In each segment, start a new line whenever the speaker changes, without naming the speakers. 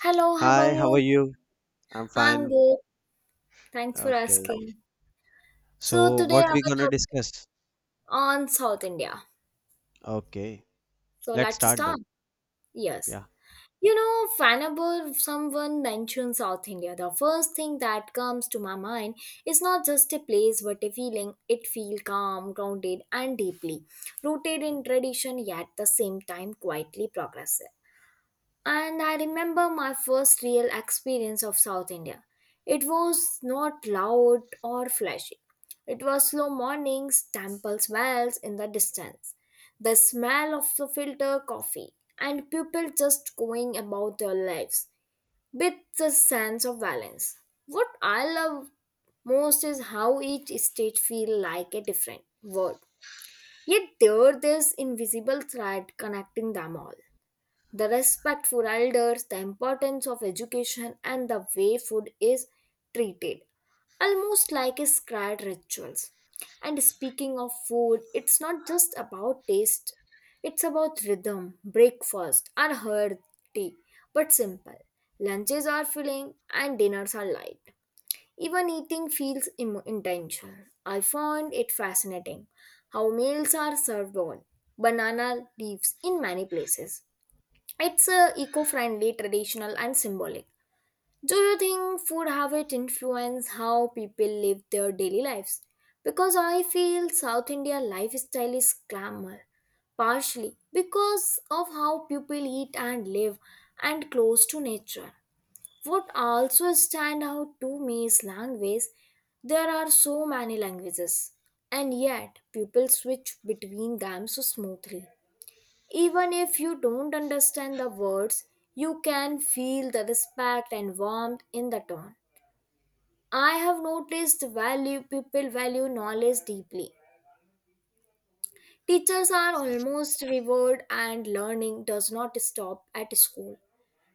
Hello, how
Hi,
are
how are
you?
you? I'm
I'm
fine.
good. Thanks for
Okay.
asking. So
So
today
what
our
we gonna
topic
discuss?
on South India.
Okay.
So
Let's
let's
start then.
start. Yes.
Yeah.
Whenever someone mentions South India, the first thing that comes to my mind is not just a place but a feeling. It feels calm, grounded, and deeply rooted in tradition, yet the same time quietly progressive. And I remember my first real experience of South India. It was not loud or flashy. It was slow mornings, temple bells in the distance, the smell of the filter coffee, and people just going about their lives with the sense of balance. What I love most is how each state feels like a different world. Yet there is invisible thread connecting them all, the respect for elders, the importance of education, and the way food is treated, almost like a sacred rituals. And speaking of food, it's not just about taste, it's about rhythm, breakfast, and hearty, but simple. Lunches are filling and dinners are light. Even eating feels intentional. I found it fascinating how meals are served on banana leaves in many places. It's eco-friendly, traditional, and symbolic. Do you think food habit influence how people live their daily lives? Because I feel South India lifestyle is glamour, partially because of how people eat and live, and close to nature. What also stand out to me is language. There are so many languages, and yet people switch between them so smoothly. Even if you don't understand the words, you can feel the respect and warmth in the tone. I have noticed value people value knowledge deeply. Teachers are almost revered and learning does not stop at school.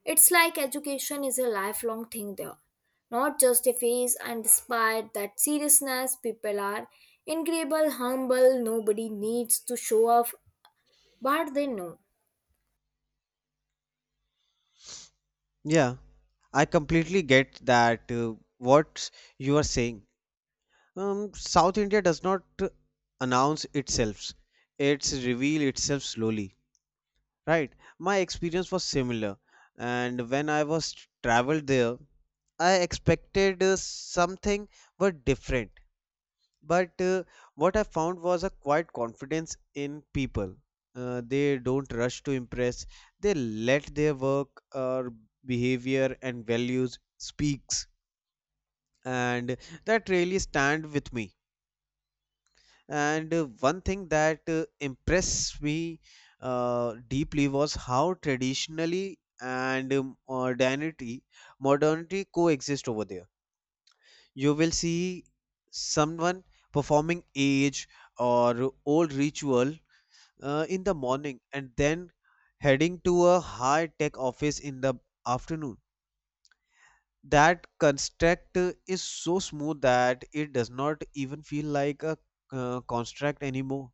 It's like education is a lifelong thing there, not just a phase. And despite that seriousness, people are incredible humble. Nobody needs to show off what they know.
Yeah. I completely get that, what you are saying. South India does not announce itself. It's reveal itself slowly. Right. My experience was similar. And when I was traveled there, I expected something but different. But what I found was a quiet confidence in people. They don't rush to impress. They let their work or behavior and values speaks, and that really stand with me. And one thing that impressed me deeply was how traditionally and modernity coexist over there. You will see someone performing age or old ritual in the morning and then heading to a high tech office in the afternoon. That construct is so smooth that it does not even feel like a construct anymore.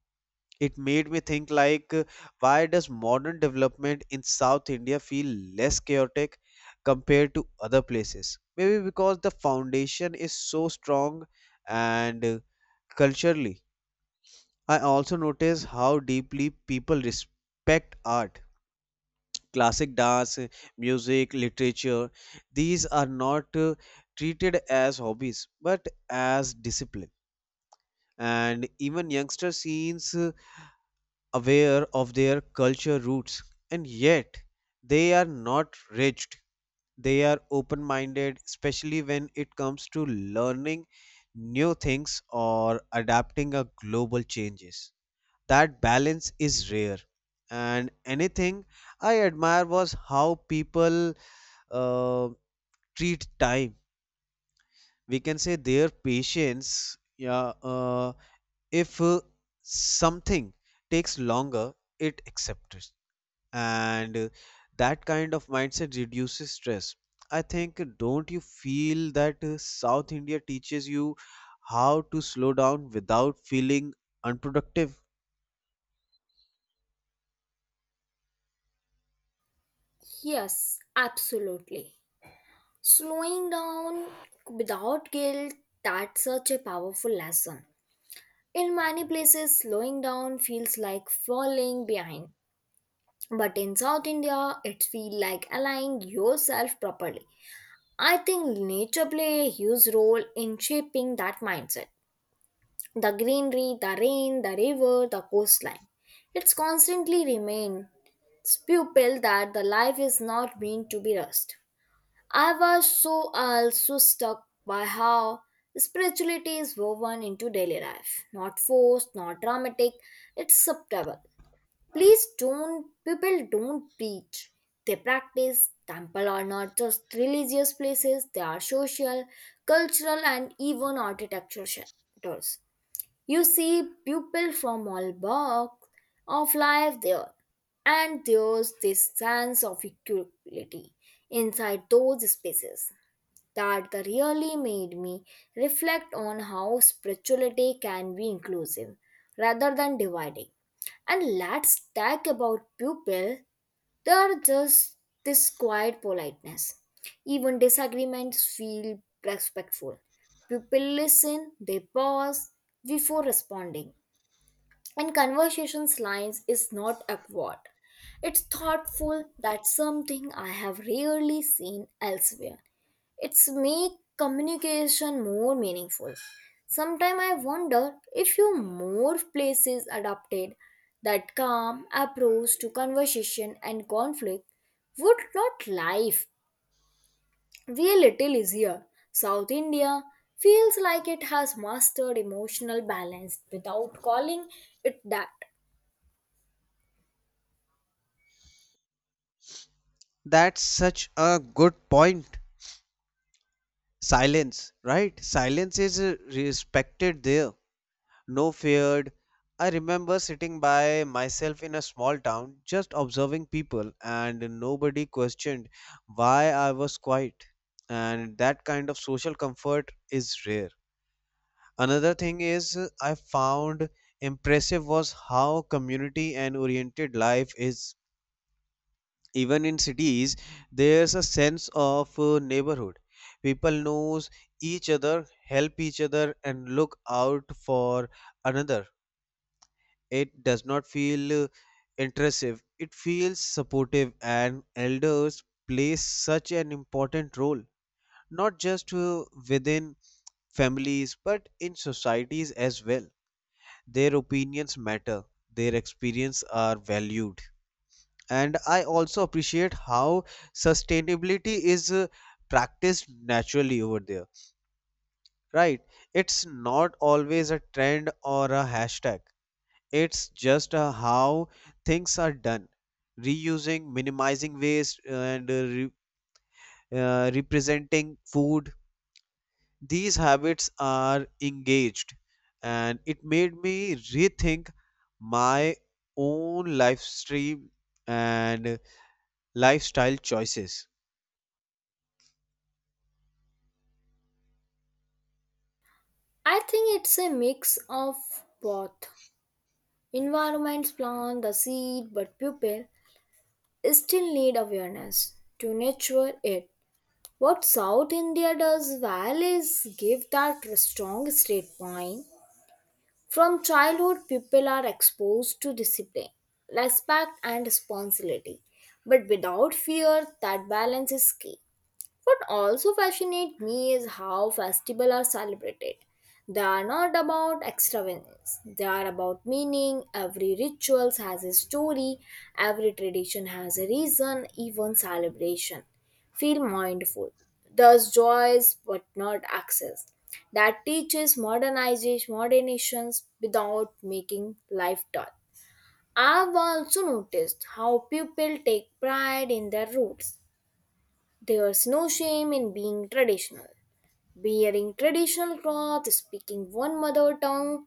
It made me think like why does modern development in South India feel less chaotic compared to other places? Maybe because the foundation is so strong and culturally. I also notice how deeply people respect art. Classic dance, music, literature, these are not treated as hobbies but as discipline. And even youngster scenes aware of their culture roots, and yet they are not rigid. They are open minded, especially when it comes to learning new things or adapting a global changes. That balance is rare. And anything I admire was how people uh, treat time, we can say their patience. Yeah. If something takes longer, it accepts. And that kind of mindset reduces stress, I think. Don't you feel that South India teaches you how to slow down without feeling unproductive?
Yes, absolutely. Slowing down without guilt, that's such a powerful lesson. In many places, slowing down feels like falling behind. But in South India, it feels like aligning yourself properly. I think nature plays a huge role in shaping that mindset. The greenery, the rain, the river, the coastline. It's constantly remains pupil that the life is not meant to be rushed. I was so also struck by how spirituality is woven into daily life. Not forced, not dramatic, it's subtle. Please don't, people don't preach. They practice. Temple are not just religious places, they are social, cultural, and even architectural centers. You see people from all walks of life there, and there's this sense of equality inside those spaces that really made me reflect on how spirituality can be inclusive rather than dividing. And let's talk about people. They are just this quiet politeness. Even disagreements feel respectful. People listen, they pause before responding. And conversations lines is not awkward. It's thoughtful, that's something I have rarely seen elsewhere. It's make communication more meaningful. Sometimes I wonder if you more places adopted that calm approach to conversation and conflict, would not life be a little easier. South India feels like it has mastered emotional balance without calling it that.
That's such a good point. Silence, right. Silence is respected there, no feared. I remember sitting by myself in a small town, just observing people, and nobody questioned why I was quiet. And that kind of social comfort is rare. Another thing is I found impressive was how community and oriented life is. Even in cities, there's a sense of neighborhood. People knows each other, help each other, and look out for another. It does not feel intrusive, it feels supportive, and elders play such an important role, not just within families but in societies as well. Their opinions matter, their experience are valued. And I also appreciate how sustainability is practiced naturally over there, right? It's not always a trend or a hashtag. It's just how things are done. Reusing, minimizing waste, and representing food. These habits are engaged, and it made me rethink my own life stream and lifestyle choices.
I think it's a mix of both. Environments plant the seed, but people still need awareness to nurture it. What South India does well is give that strong state point. From childhood, people are exposed to discipline, respect, and responsibility. But without fear, that balance is key. What also fascinates me is how festivals are celebrated. They are not about extravagance, they are about meaning. Every ritual has a story, every tradition has a reason, even celebration. Feel mindful. Thus joys but not excess. That teaches modernizations without making life dull. I've also noticed how people take pride in their roots. There's no shame in being traditional. Wearing traditional cloth, speaking one mother tongue,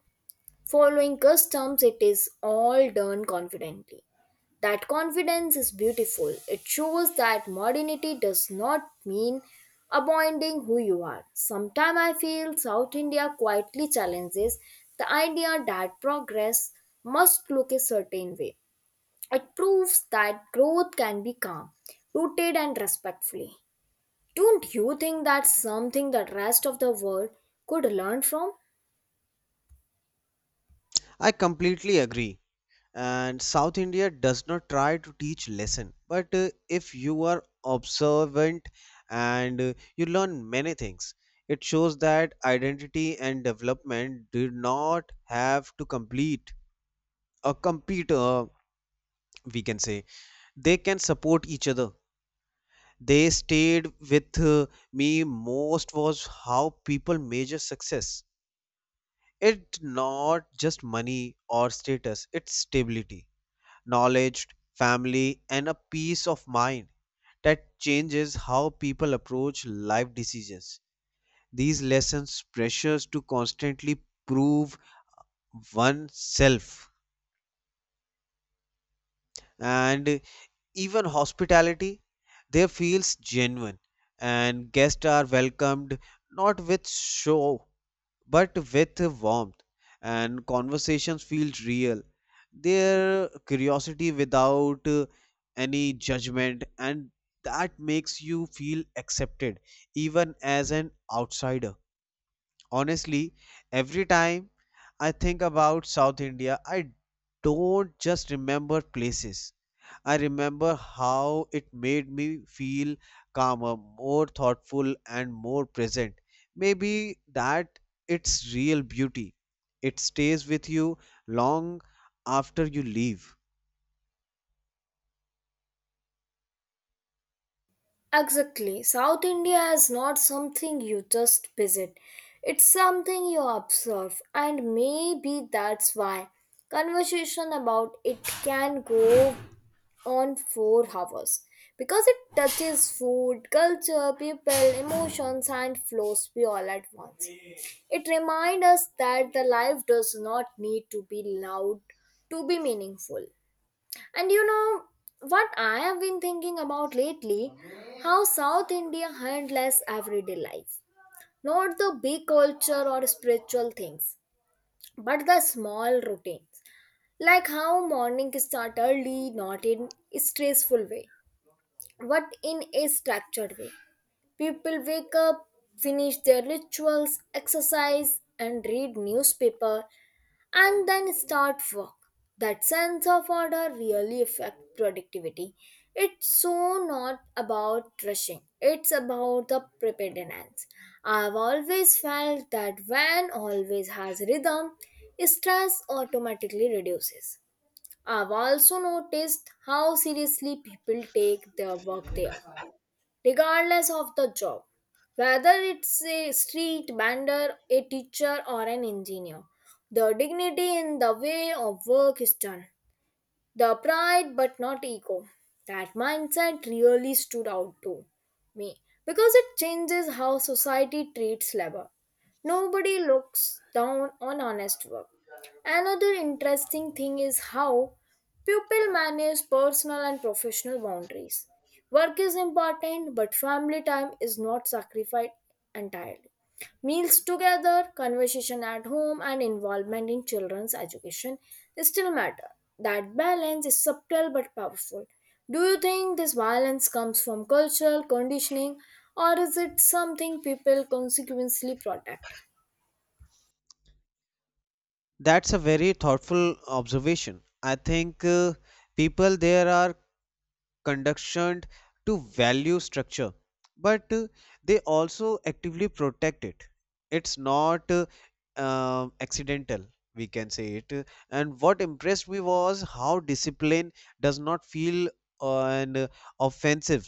following customs, it is all done confidently. That confidence is beautiful. It shows that modernity does not mean abandoning who you are. Sometimes I feel South India quietly challenges the idea that progress must look a certain way. It proves that growth can be calm, rooted, and respectfully. Don't you think that's something that rest of the world could learn from?
I completely agree. And South India does not try to teach lesson, but if you are observant and you learn many things. It shows that identity and development do not have to complete a compete, we can say they can support each other. They stayed with me most was how people measure success. It's not just money or status, it's stability, knowledge, family, and a peace of mind. That changes how people approach life decisions. These lessons pressures to constantly prove oneself. And even hospitality there feels genuine, and guests are welcomed, not with show but with warmth. And conversations feel real, their curiosity without any judgment, and that makes you feel accepted even as an outsider. Honestly, every time I think about South India, I don't just remember places. I remember how it made me feel calmer, more thoughtful, and more present. Maybe that its real beauty. It stays with you long after you leave.
Exactly. South India is not something you just visit. It's something you observe, and maybe that's why conversation about it can go on for hours, because it touches food, culture, people, emotions and flows we all at once. It reminds us that the life does not need to be loud to be meaningful. And you know what I have been thinking about lately? How South India handles everyday life. Not the big culture or spiritual things, but the small routines. Like how morning start early, not in a stressful way, but in a structured way. People wake up, finish their rituals, exercise, and read newspaper, and then start work. That sense of order really affects productivity. It's so not about rushing. It's about the preparedness. I've always felt that when always has rhythm, stress automatically reduces. I've also noticed how seriously people take their work there, regardless of the job, whether it's a street vendor, a teacher, or an engineer. The dignity in the way of work is done. The pride but not ego. That mindset really stood out to me, because it changes how society treats labor. Nobody looks down on honest work. Another interesting thing is how people manage personal and professional boundaries. Work is important, but family time is not sacrificed entirely. Meals together, conversation at home, and involvement in children's education still matter. That balance is subtle but powerful. Do you think this violence comes from cultural conditioning, or is it something people consequently protect?
That's a very thoughtful observation. I think people there are conditioned to value structure, but they also actively protect it. It's not accidental, we can say it. And what impressed me was how discipline does not feel and offensive.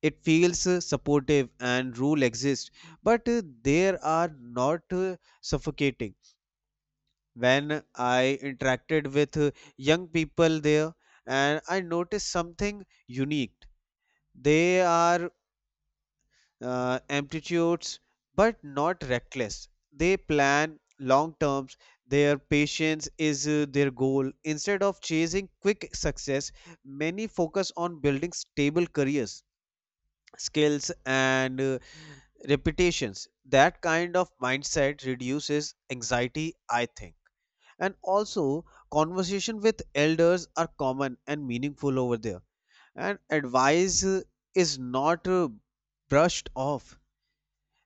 It feels supportive and rule exists, but there are not suffocating. When I interacted with young people there, and I noticed something unique, they are amplitudes, but not reckless. They plan long terms. Their patience is their goal. Instead of chasing quick success, many focus on building stable careers, skills, and reputations. That kind of mindset reduces anxiety, I think. And also, conversation with elders are common and meaningful over there. And advice is not brushed off.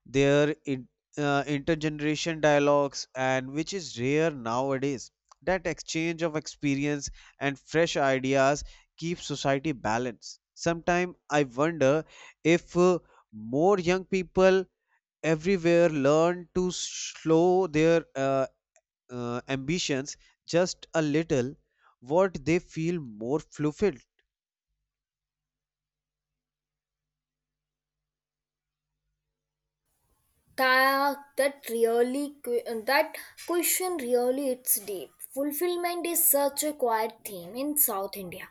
Their intergeneration dialogues, and which is rare nowadays, that exchange of experience and fresh ideas keeps society balanced. Sometimes I wonder if more young people everywhere learn to slow their ambitions just a little, what they feel more fulfilled.
That really that question really, it's deep. Fulfillment is such a quiet theme in South India.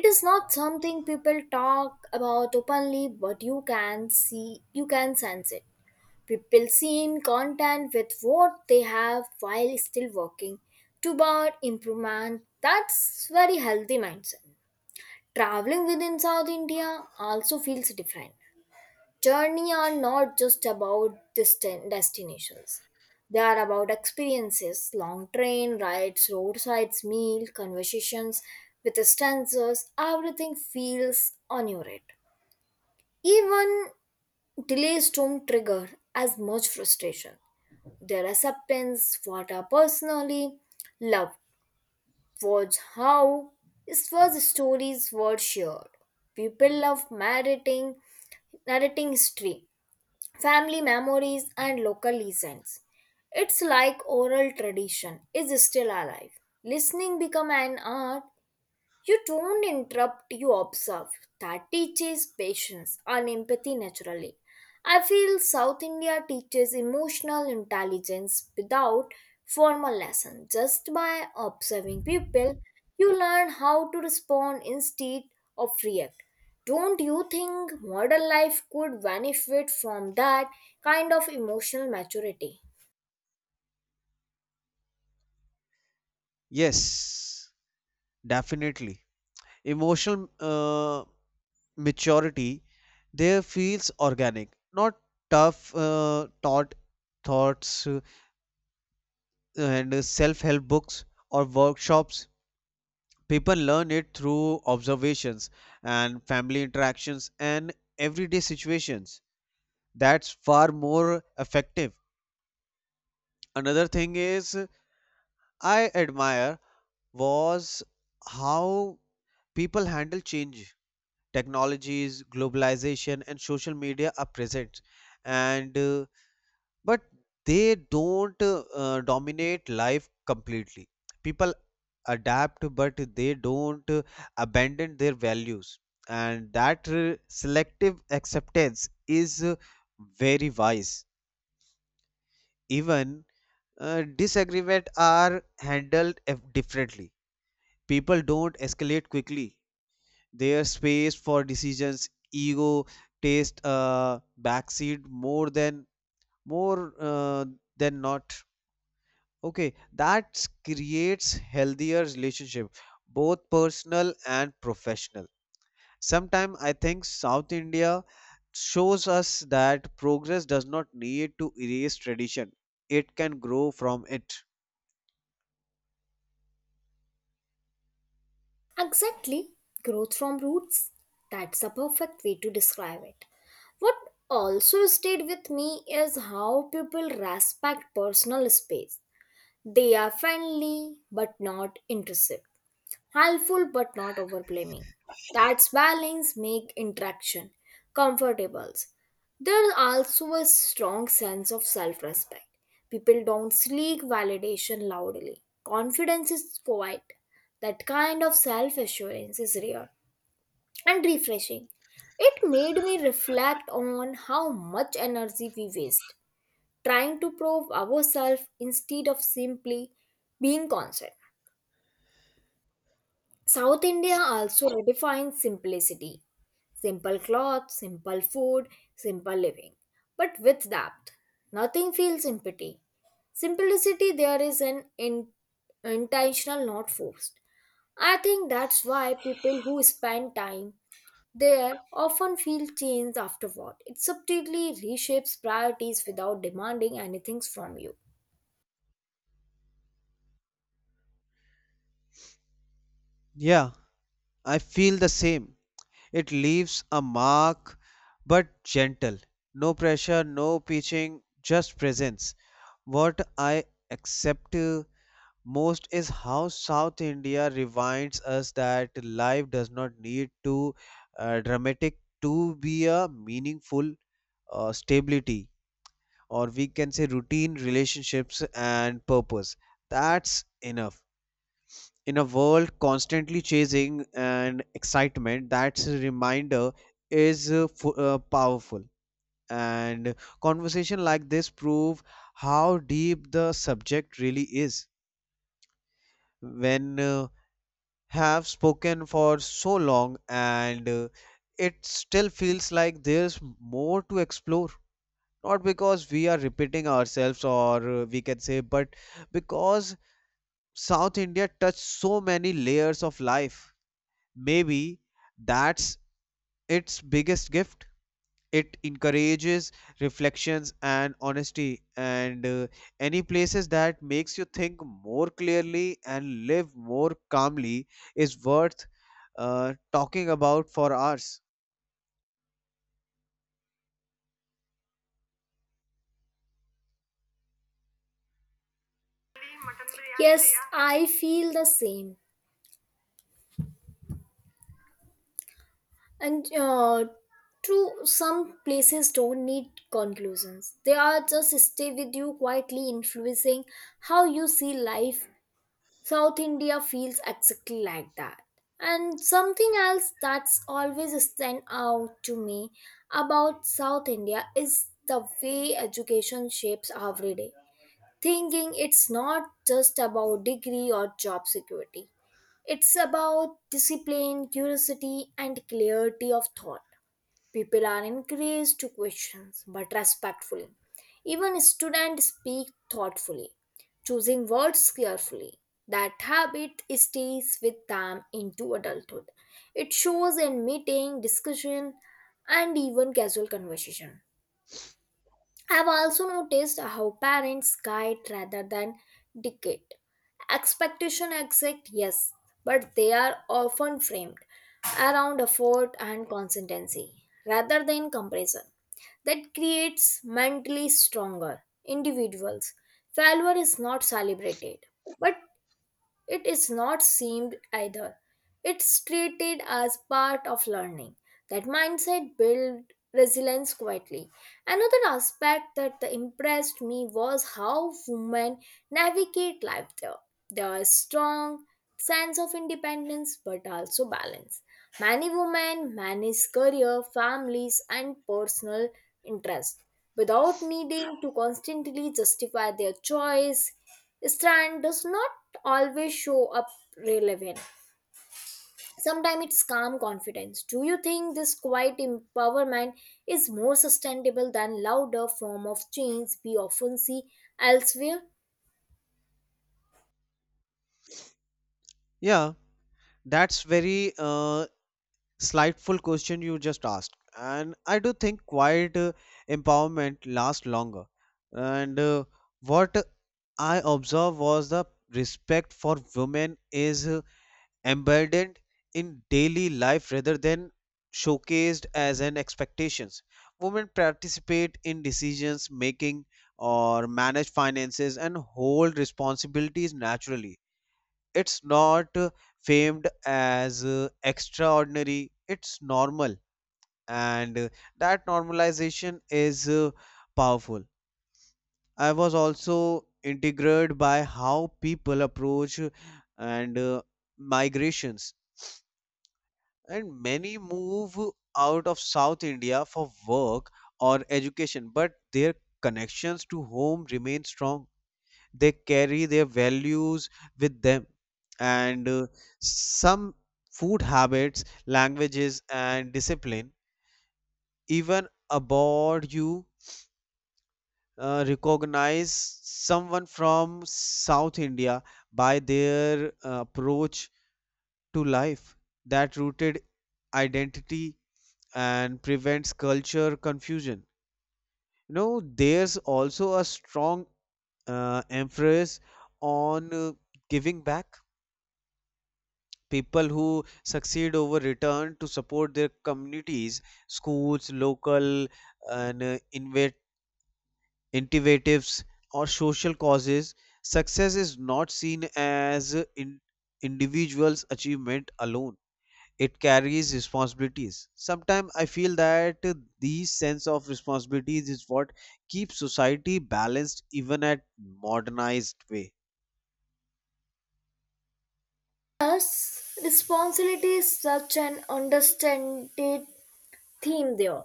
It is not something people talk about openly, but you can sense it. People seem content with what they have while still working toward improvement. That's very healthy mindset. Traveling within South India also feels different. Journey are not just about distant destinations. They are about experiences, long train rides, roadsides, meal, conversations with strangers, everything feels inured. Even delays don't trigger as much frustration. Their acceptance, what I personally loved, was how it was stories were shared. People love narrating history, family memories and local legends. It's like oral tradition is still alive. Listening become an art, you don't interrupt, you observe. That teaches patience and empathy naturally. I feel South India teaches emotional intelligence without formal lesson. Just by observing people, you learn how to respond instead of react. Don't you think modern life could benefit from that kind of emotional maturity?
Yes, definitely. Emotional maturity there feels organic, not tough taught thoughts, and self-help books or workshops. People learn it through observations and family interactions and everyday situations. That's far more effective. Another thing is I admire was how people handle change. Technologies, globalization, and social media are present, and but they don't dominate life completely. People adapt but they don't abandon their values, and that selective acceptance is very wise. Even disagreement are handled differently. People don't escalate quickly, their space for decisions. Ego taste backseat more than more, than not. Okay, that creates healthier relationship, both personal and professional. Sometimes I think South India shows us that progress does not need to erase tradition. It can grow from it.
Exactly, growth from roots. That's a perfect way to describe it. What also stayed with me is how people respect personal space. They are friendly but not intrusive, helpful but not overblaming. That's balance make interaction comfortable. There's also a strong sense of self-respect. People don't seek validation loudly. Confidence is quiet. That kind of self-assurance is rare and refreshing. It made me reflect on how much energy we waste trying to prove ourselves instead of simply being constant. South India also redefines simplicity, simple clothes, simple food, simple living, but with depth. Nothing feels empty. Simplicity there is an intentional, not forced. I think that's why people who spend time there often feel changed afterward. It subtly reshapes priorities without demanding anything from you.
Yeah, I feel the same. It leaves a mark, but gentle. No pressure, no pitching, just presence. What I accept most is how South India reminds us that life does not need to dramatic to be a meaningful stability, or we can say routine, relationships, and purpose. That's enough. In a world constantly chasing and excitement, that's a reminder is powerful. And conversation like this prove how deep the subject really is. When have spoken for so long, and it still feels like there's more to explore, not because we are repeating ourselves, or we can say, but because South India touched so many layers of life. Maybe that's its biggest gift. It encourages reflections and honesty. And any places that makes you think more clearly and live more calmly is worth talking about for hours.
Yes, I feel the same. And true, some places don't need conclusions. They are just stay with you quietly, influencing how you see life. South India feels exactly like that. And something else that's always stand out to me about South India is the way education shapes every day thinking. It's not just about degree or job security. It's about discipline, curiosity, and clarity of thought. People are encouraged to question, but respectfully. Even students speak thoughtfully, choosing words carefully. That habit stays with them into adulthood. It shows in meeting, discussion, and even casual conversation. I've also noticed how parents guide rather than dictate. Expectation exist, yes, but they are often framed around effort and consistency rather than comparison. That creates mentally stronger individuals. Failure is not celebrated, but it is not seemed either. It's treated as part of learning. That mindset built resilience quietly. Another aspect that impressed me was how women navigate life there. There is strong sense of independence but also balance. Many women manage career, families and personal interests without needing to constantly justify their choice. Strand does not always show up relevant. Sometimes it's calm confidence. Do you think this quiet empowerment is more sustainable than louder form of change we often see elsewhere?
Yeah, that's very slightful question you just asked. And I do think quiet empowerment lasts longer. And what I observed was the respect for women is embedded in daily life rather than showcased as an expectations. Women participate in decisions making, or manage finances and hold responsibilities naturally. It's not famed as extraordinary, it's normal. And that normalization is powerful. I was also integrated by how people approach and migrations. And many move out of South India for work or education, but their connections to home remain strong. They carry their values with them, and some food habits, languages, and discipline. Even abroad, you recognize someone from South India by their approach to life. That rooted identity and prevents culture confusion. There's also a strong emphasis on giving back. People who succeed over return to support their communities, schools, local, and innovatives or social causes. Success is not seen as in individuals' achievement alone, it carries responsibilities. Sometimes I feel that these sense of responsibilities is what keeps society balanced even at modernized way.
Thus, responsibility is such an understated theme there,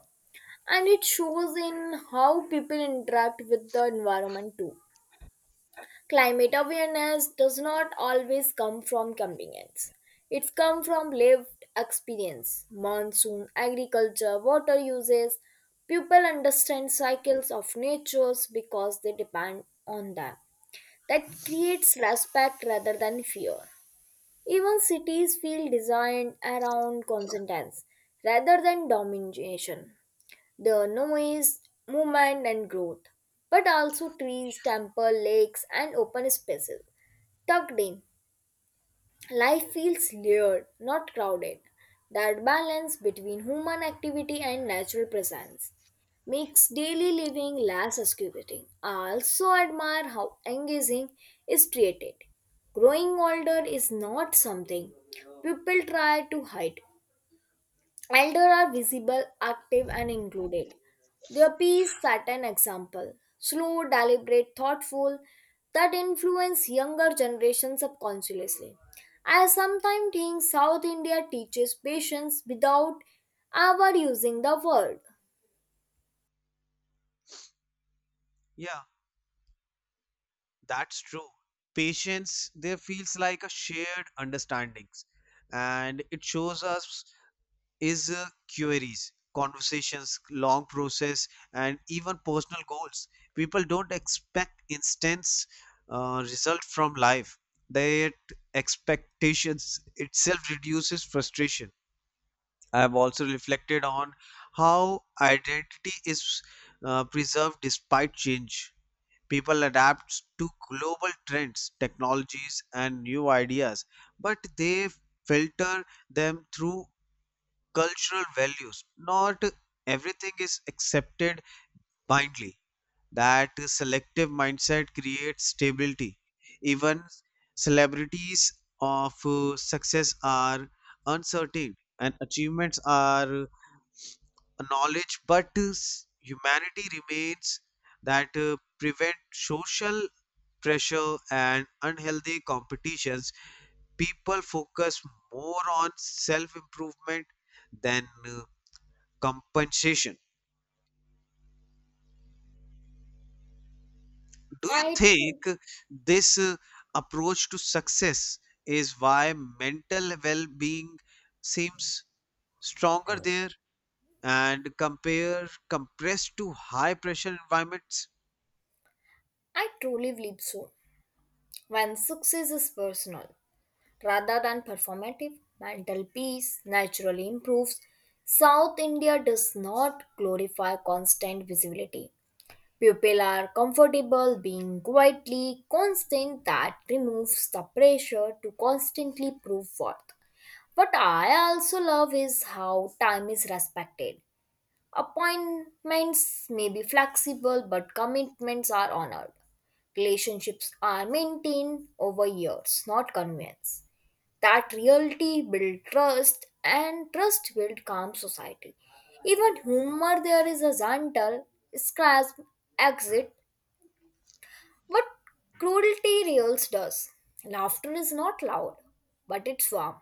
and it shows in how people interact with the environment too. Climate awareness does not always come from convenience, it's come from lived experience, monsoon, agriculture, water uses. People understand cycles of natures because they depend on them. That creates respect rather than fear. Even cities feel designed around consonance rather than domination. The noise, movement and growth, but also trees, temple, lakes and open spaces tucked in. Life feels layered, not crowded. That balance between human activity and natural presence makes daily living less excruciating. I also admire how engaging is treated. Growing older is not something people try to hide. Elder are visible, active, and included. Their peace set an example. Slow, deliberate, thoughtful, that influence younger generations subconsciously. I sometimes think South India teaches patience without ever using the word.
Yeah, that's true. Patience there feels like a shared understandings. And it shows us is queries, conversations, long process, and even personal goals. People don't expect instant result from life. That expectations itself reduces frustration. I have also reflected on how identity is preserved despite change. People adapt to global trends, technologies, and new ideas, but they filter them through cultural values. Not everything is accepted blindly. That selective mindset creates stability. Even celebrities of success are uncertain, and achievements are acknowledged, but humanity remains. That prevent social pressure and unhealthy competitions. People focus more on self improvement than compensation. Do you
I tru-
think this approach to success is why mental well being seems stronger there and compare compressed to high pressure environments?
I truly believe so. When success is personal rather than performative, mental peace naturally improves. South India does not glorify constant visibility. People are comfortable being quietly constant, that removes the pressure to constantly prove worth. What I also love is how time is respected. Appointments may be flexible, but commitments are honored. Relationships are maintained over years, not convenience. That reality builds trust, and trust builds calm society. Even humor there is a gentle, scratch exit but cruelty reels does. Laughter is not loud, but it's warm.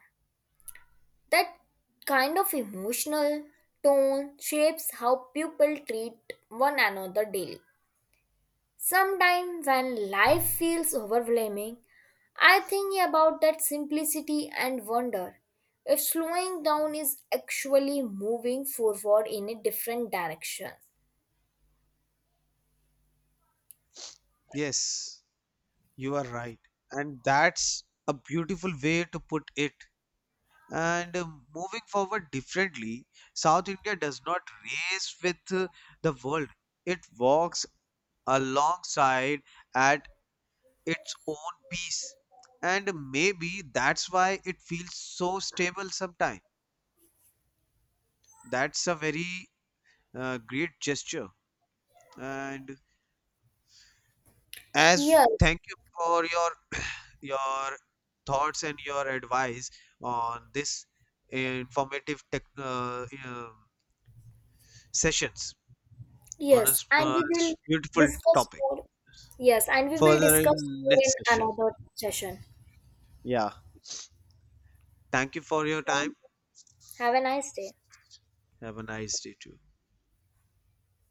That kind of emotional tone shapes how people treat one another daily. Sometimes when life feels overwhelming, I think about that simplicity and wonder if slowing down is actually moving forward in a different direction.
Yes, you are right. And that's a beautiful way to put it. And moving forward differently, South India does not race with the world. It walks alongside at its own peace. And maybe that's why it feels so stable sometimes. That's a very great gesture. And as
Yes,
thank you for your your thoughts and your advice on this informative tech, sessions on a
yes, and we will
beautiful
discuss
topic.
more. Yes, and we will
Further
discuss
in
more in
next session.
another session.
Yeah. Thank you for your time.
Thank you. Have a nice day.
Have a nice day too.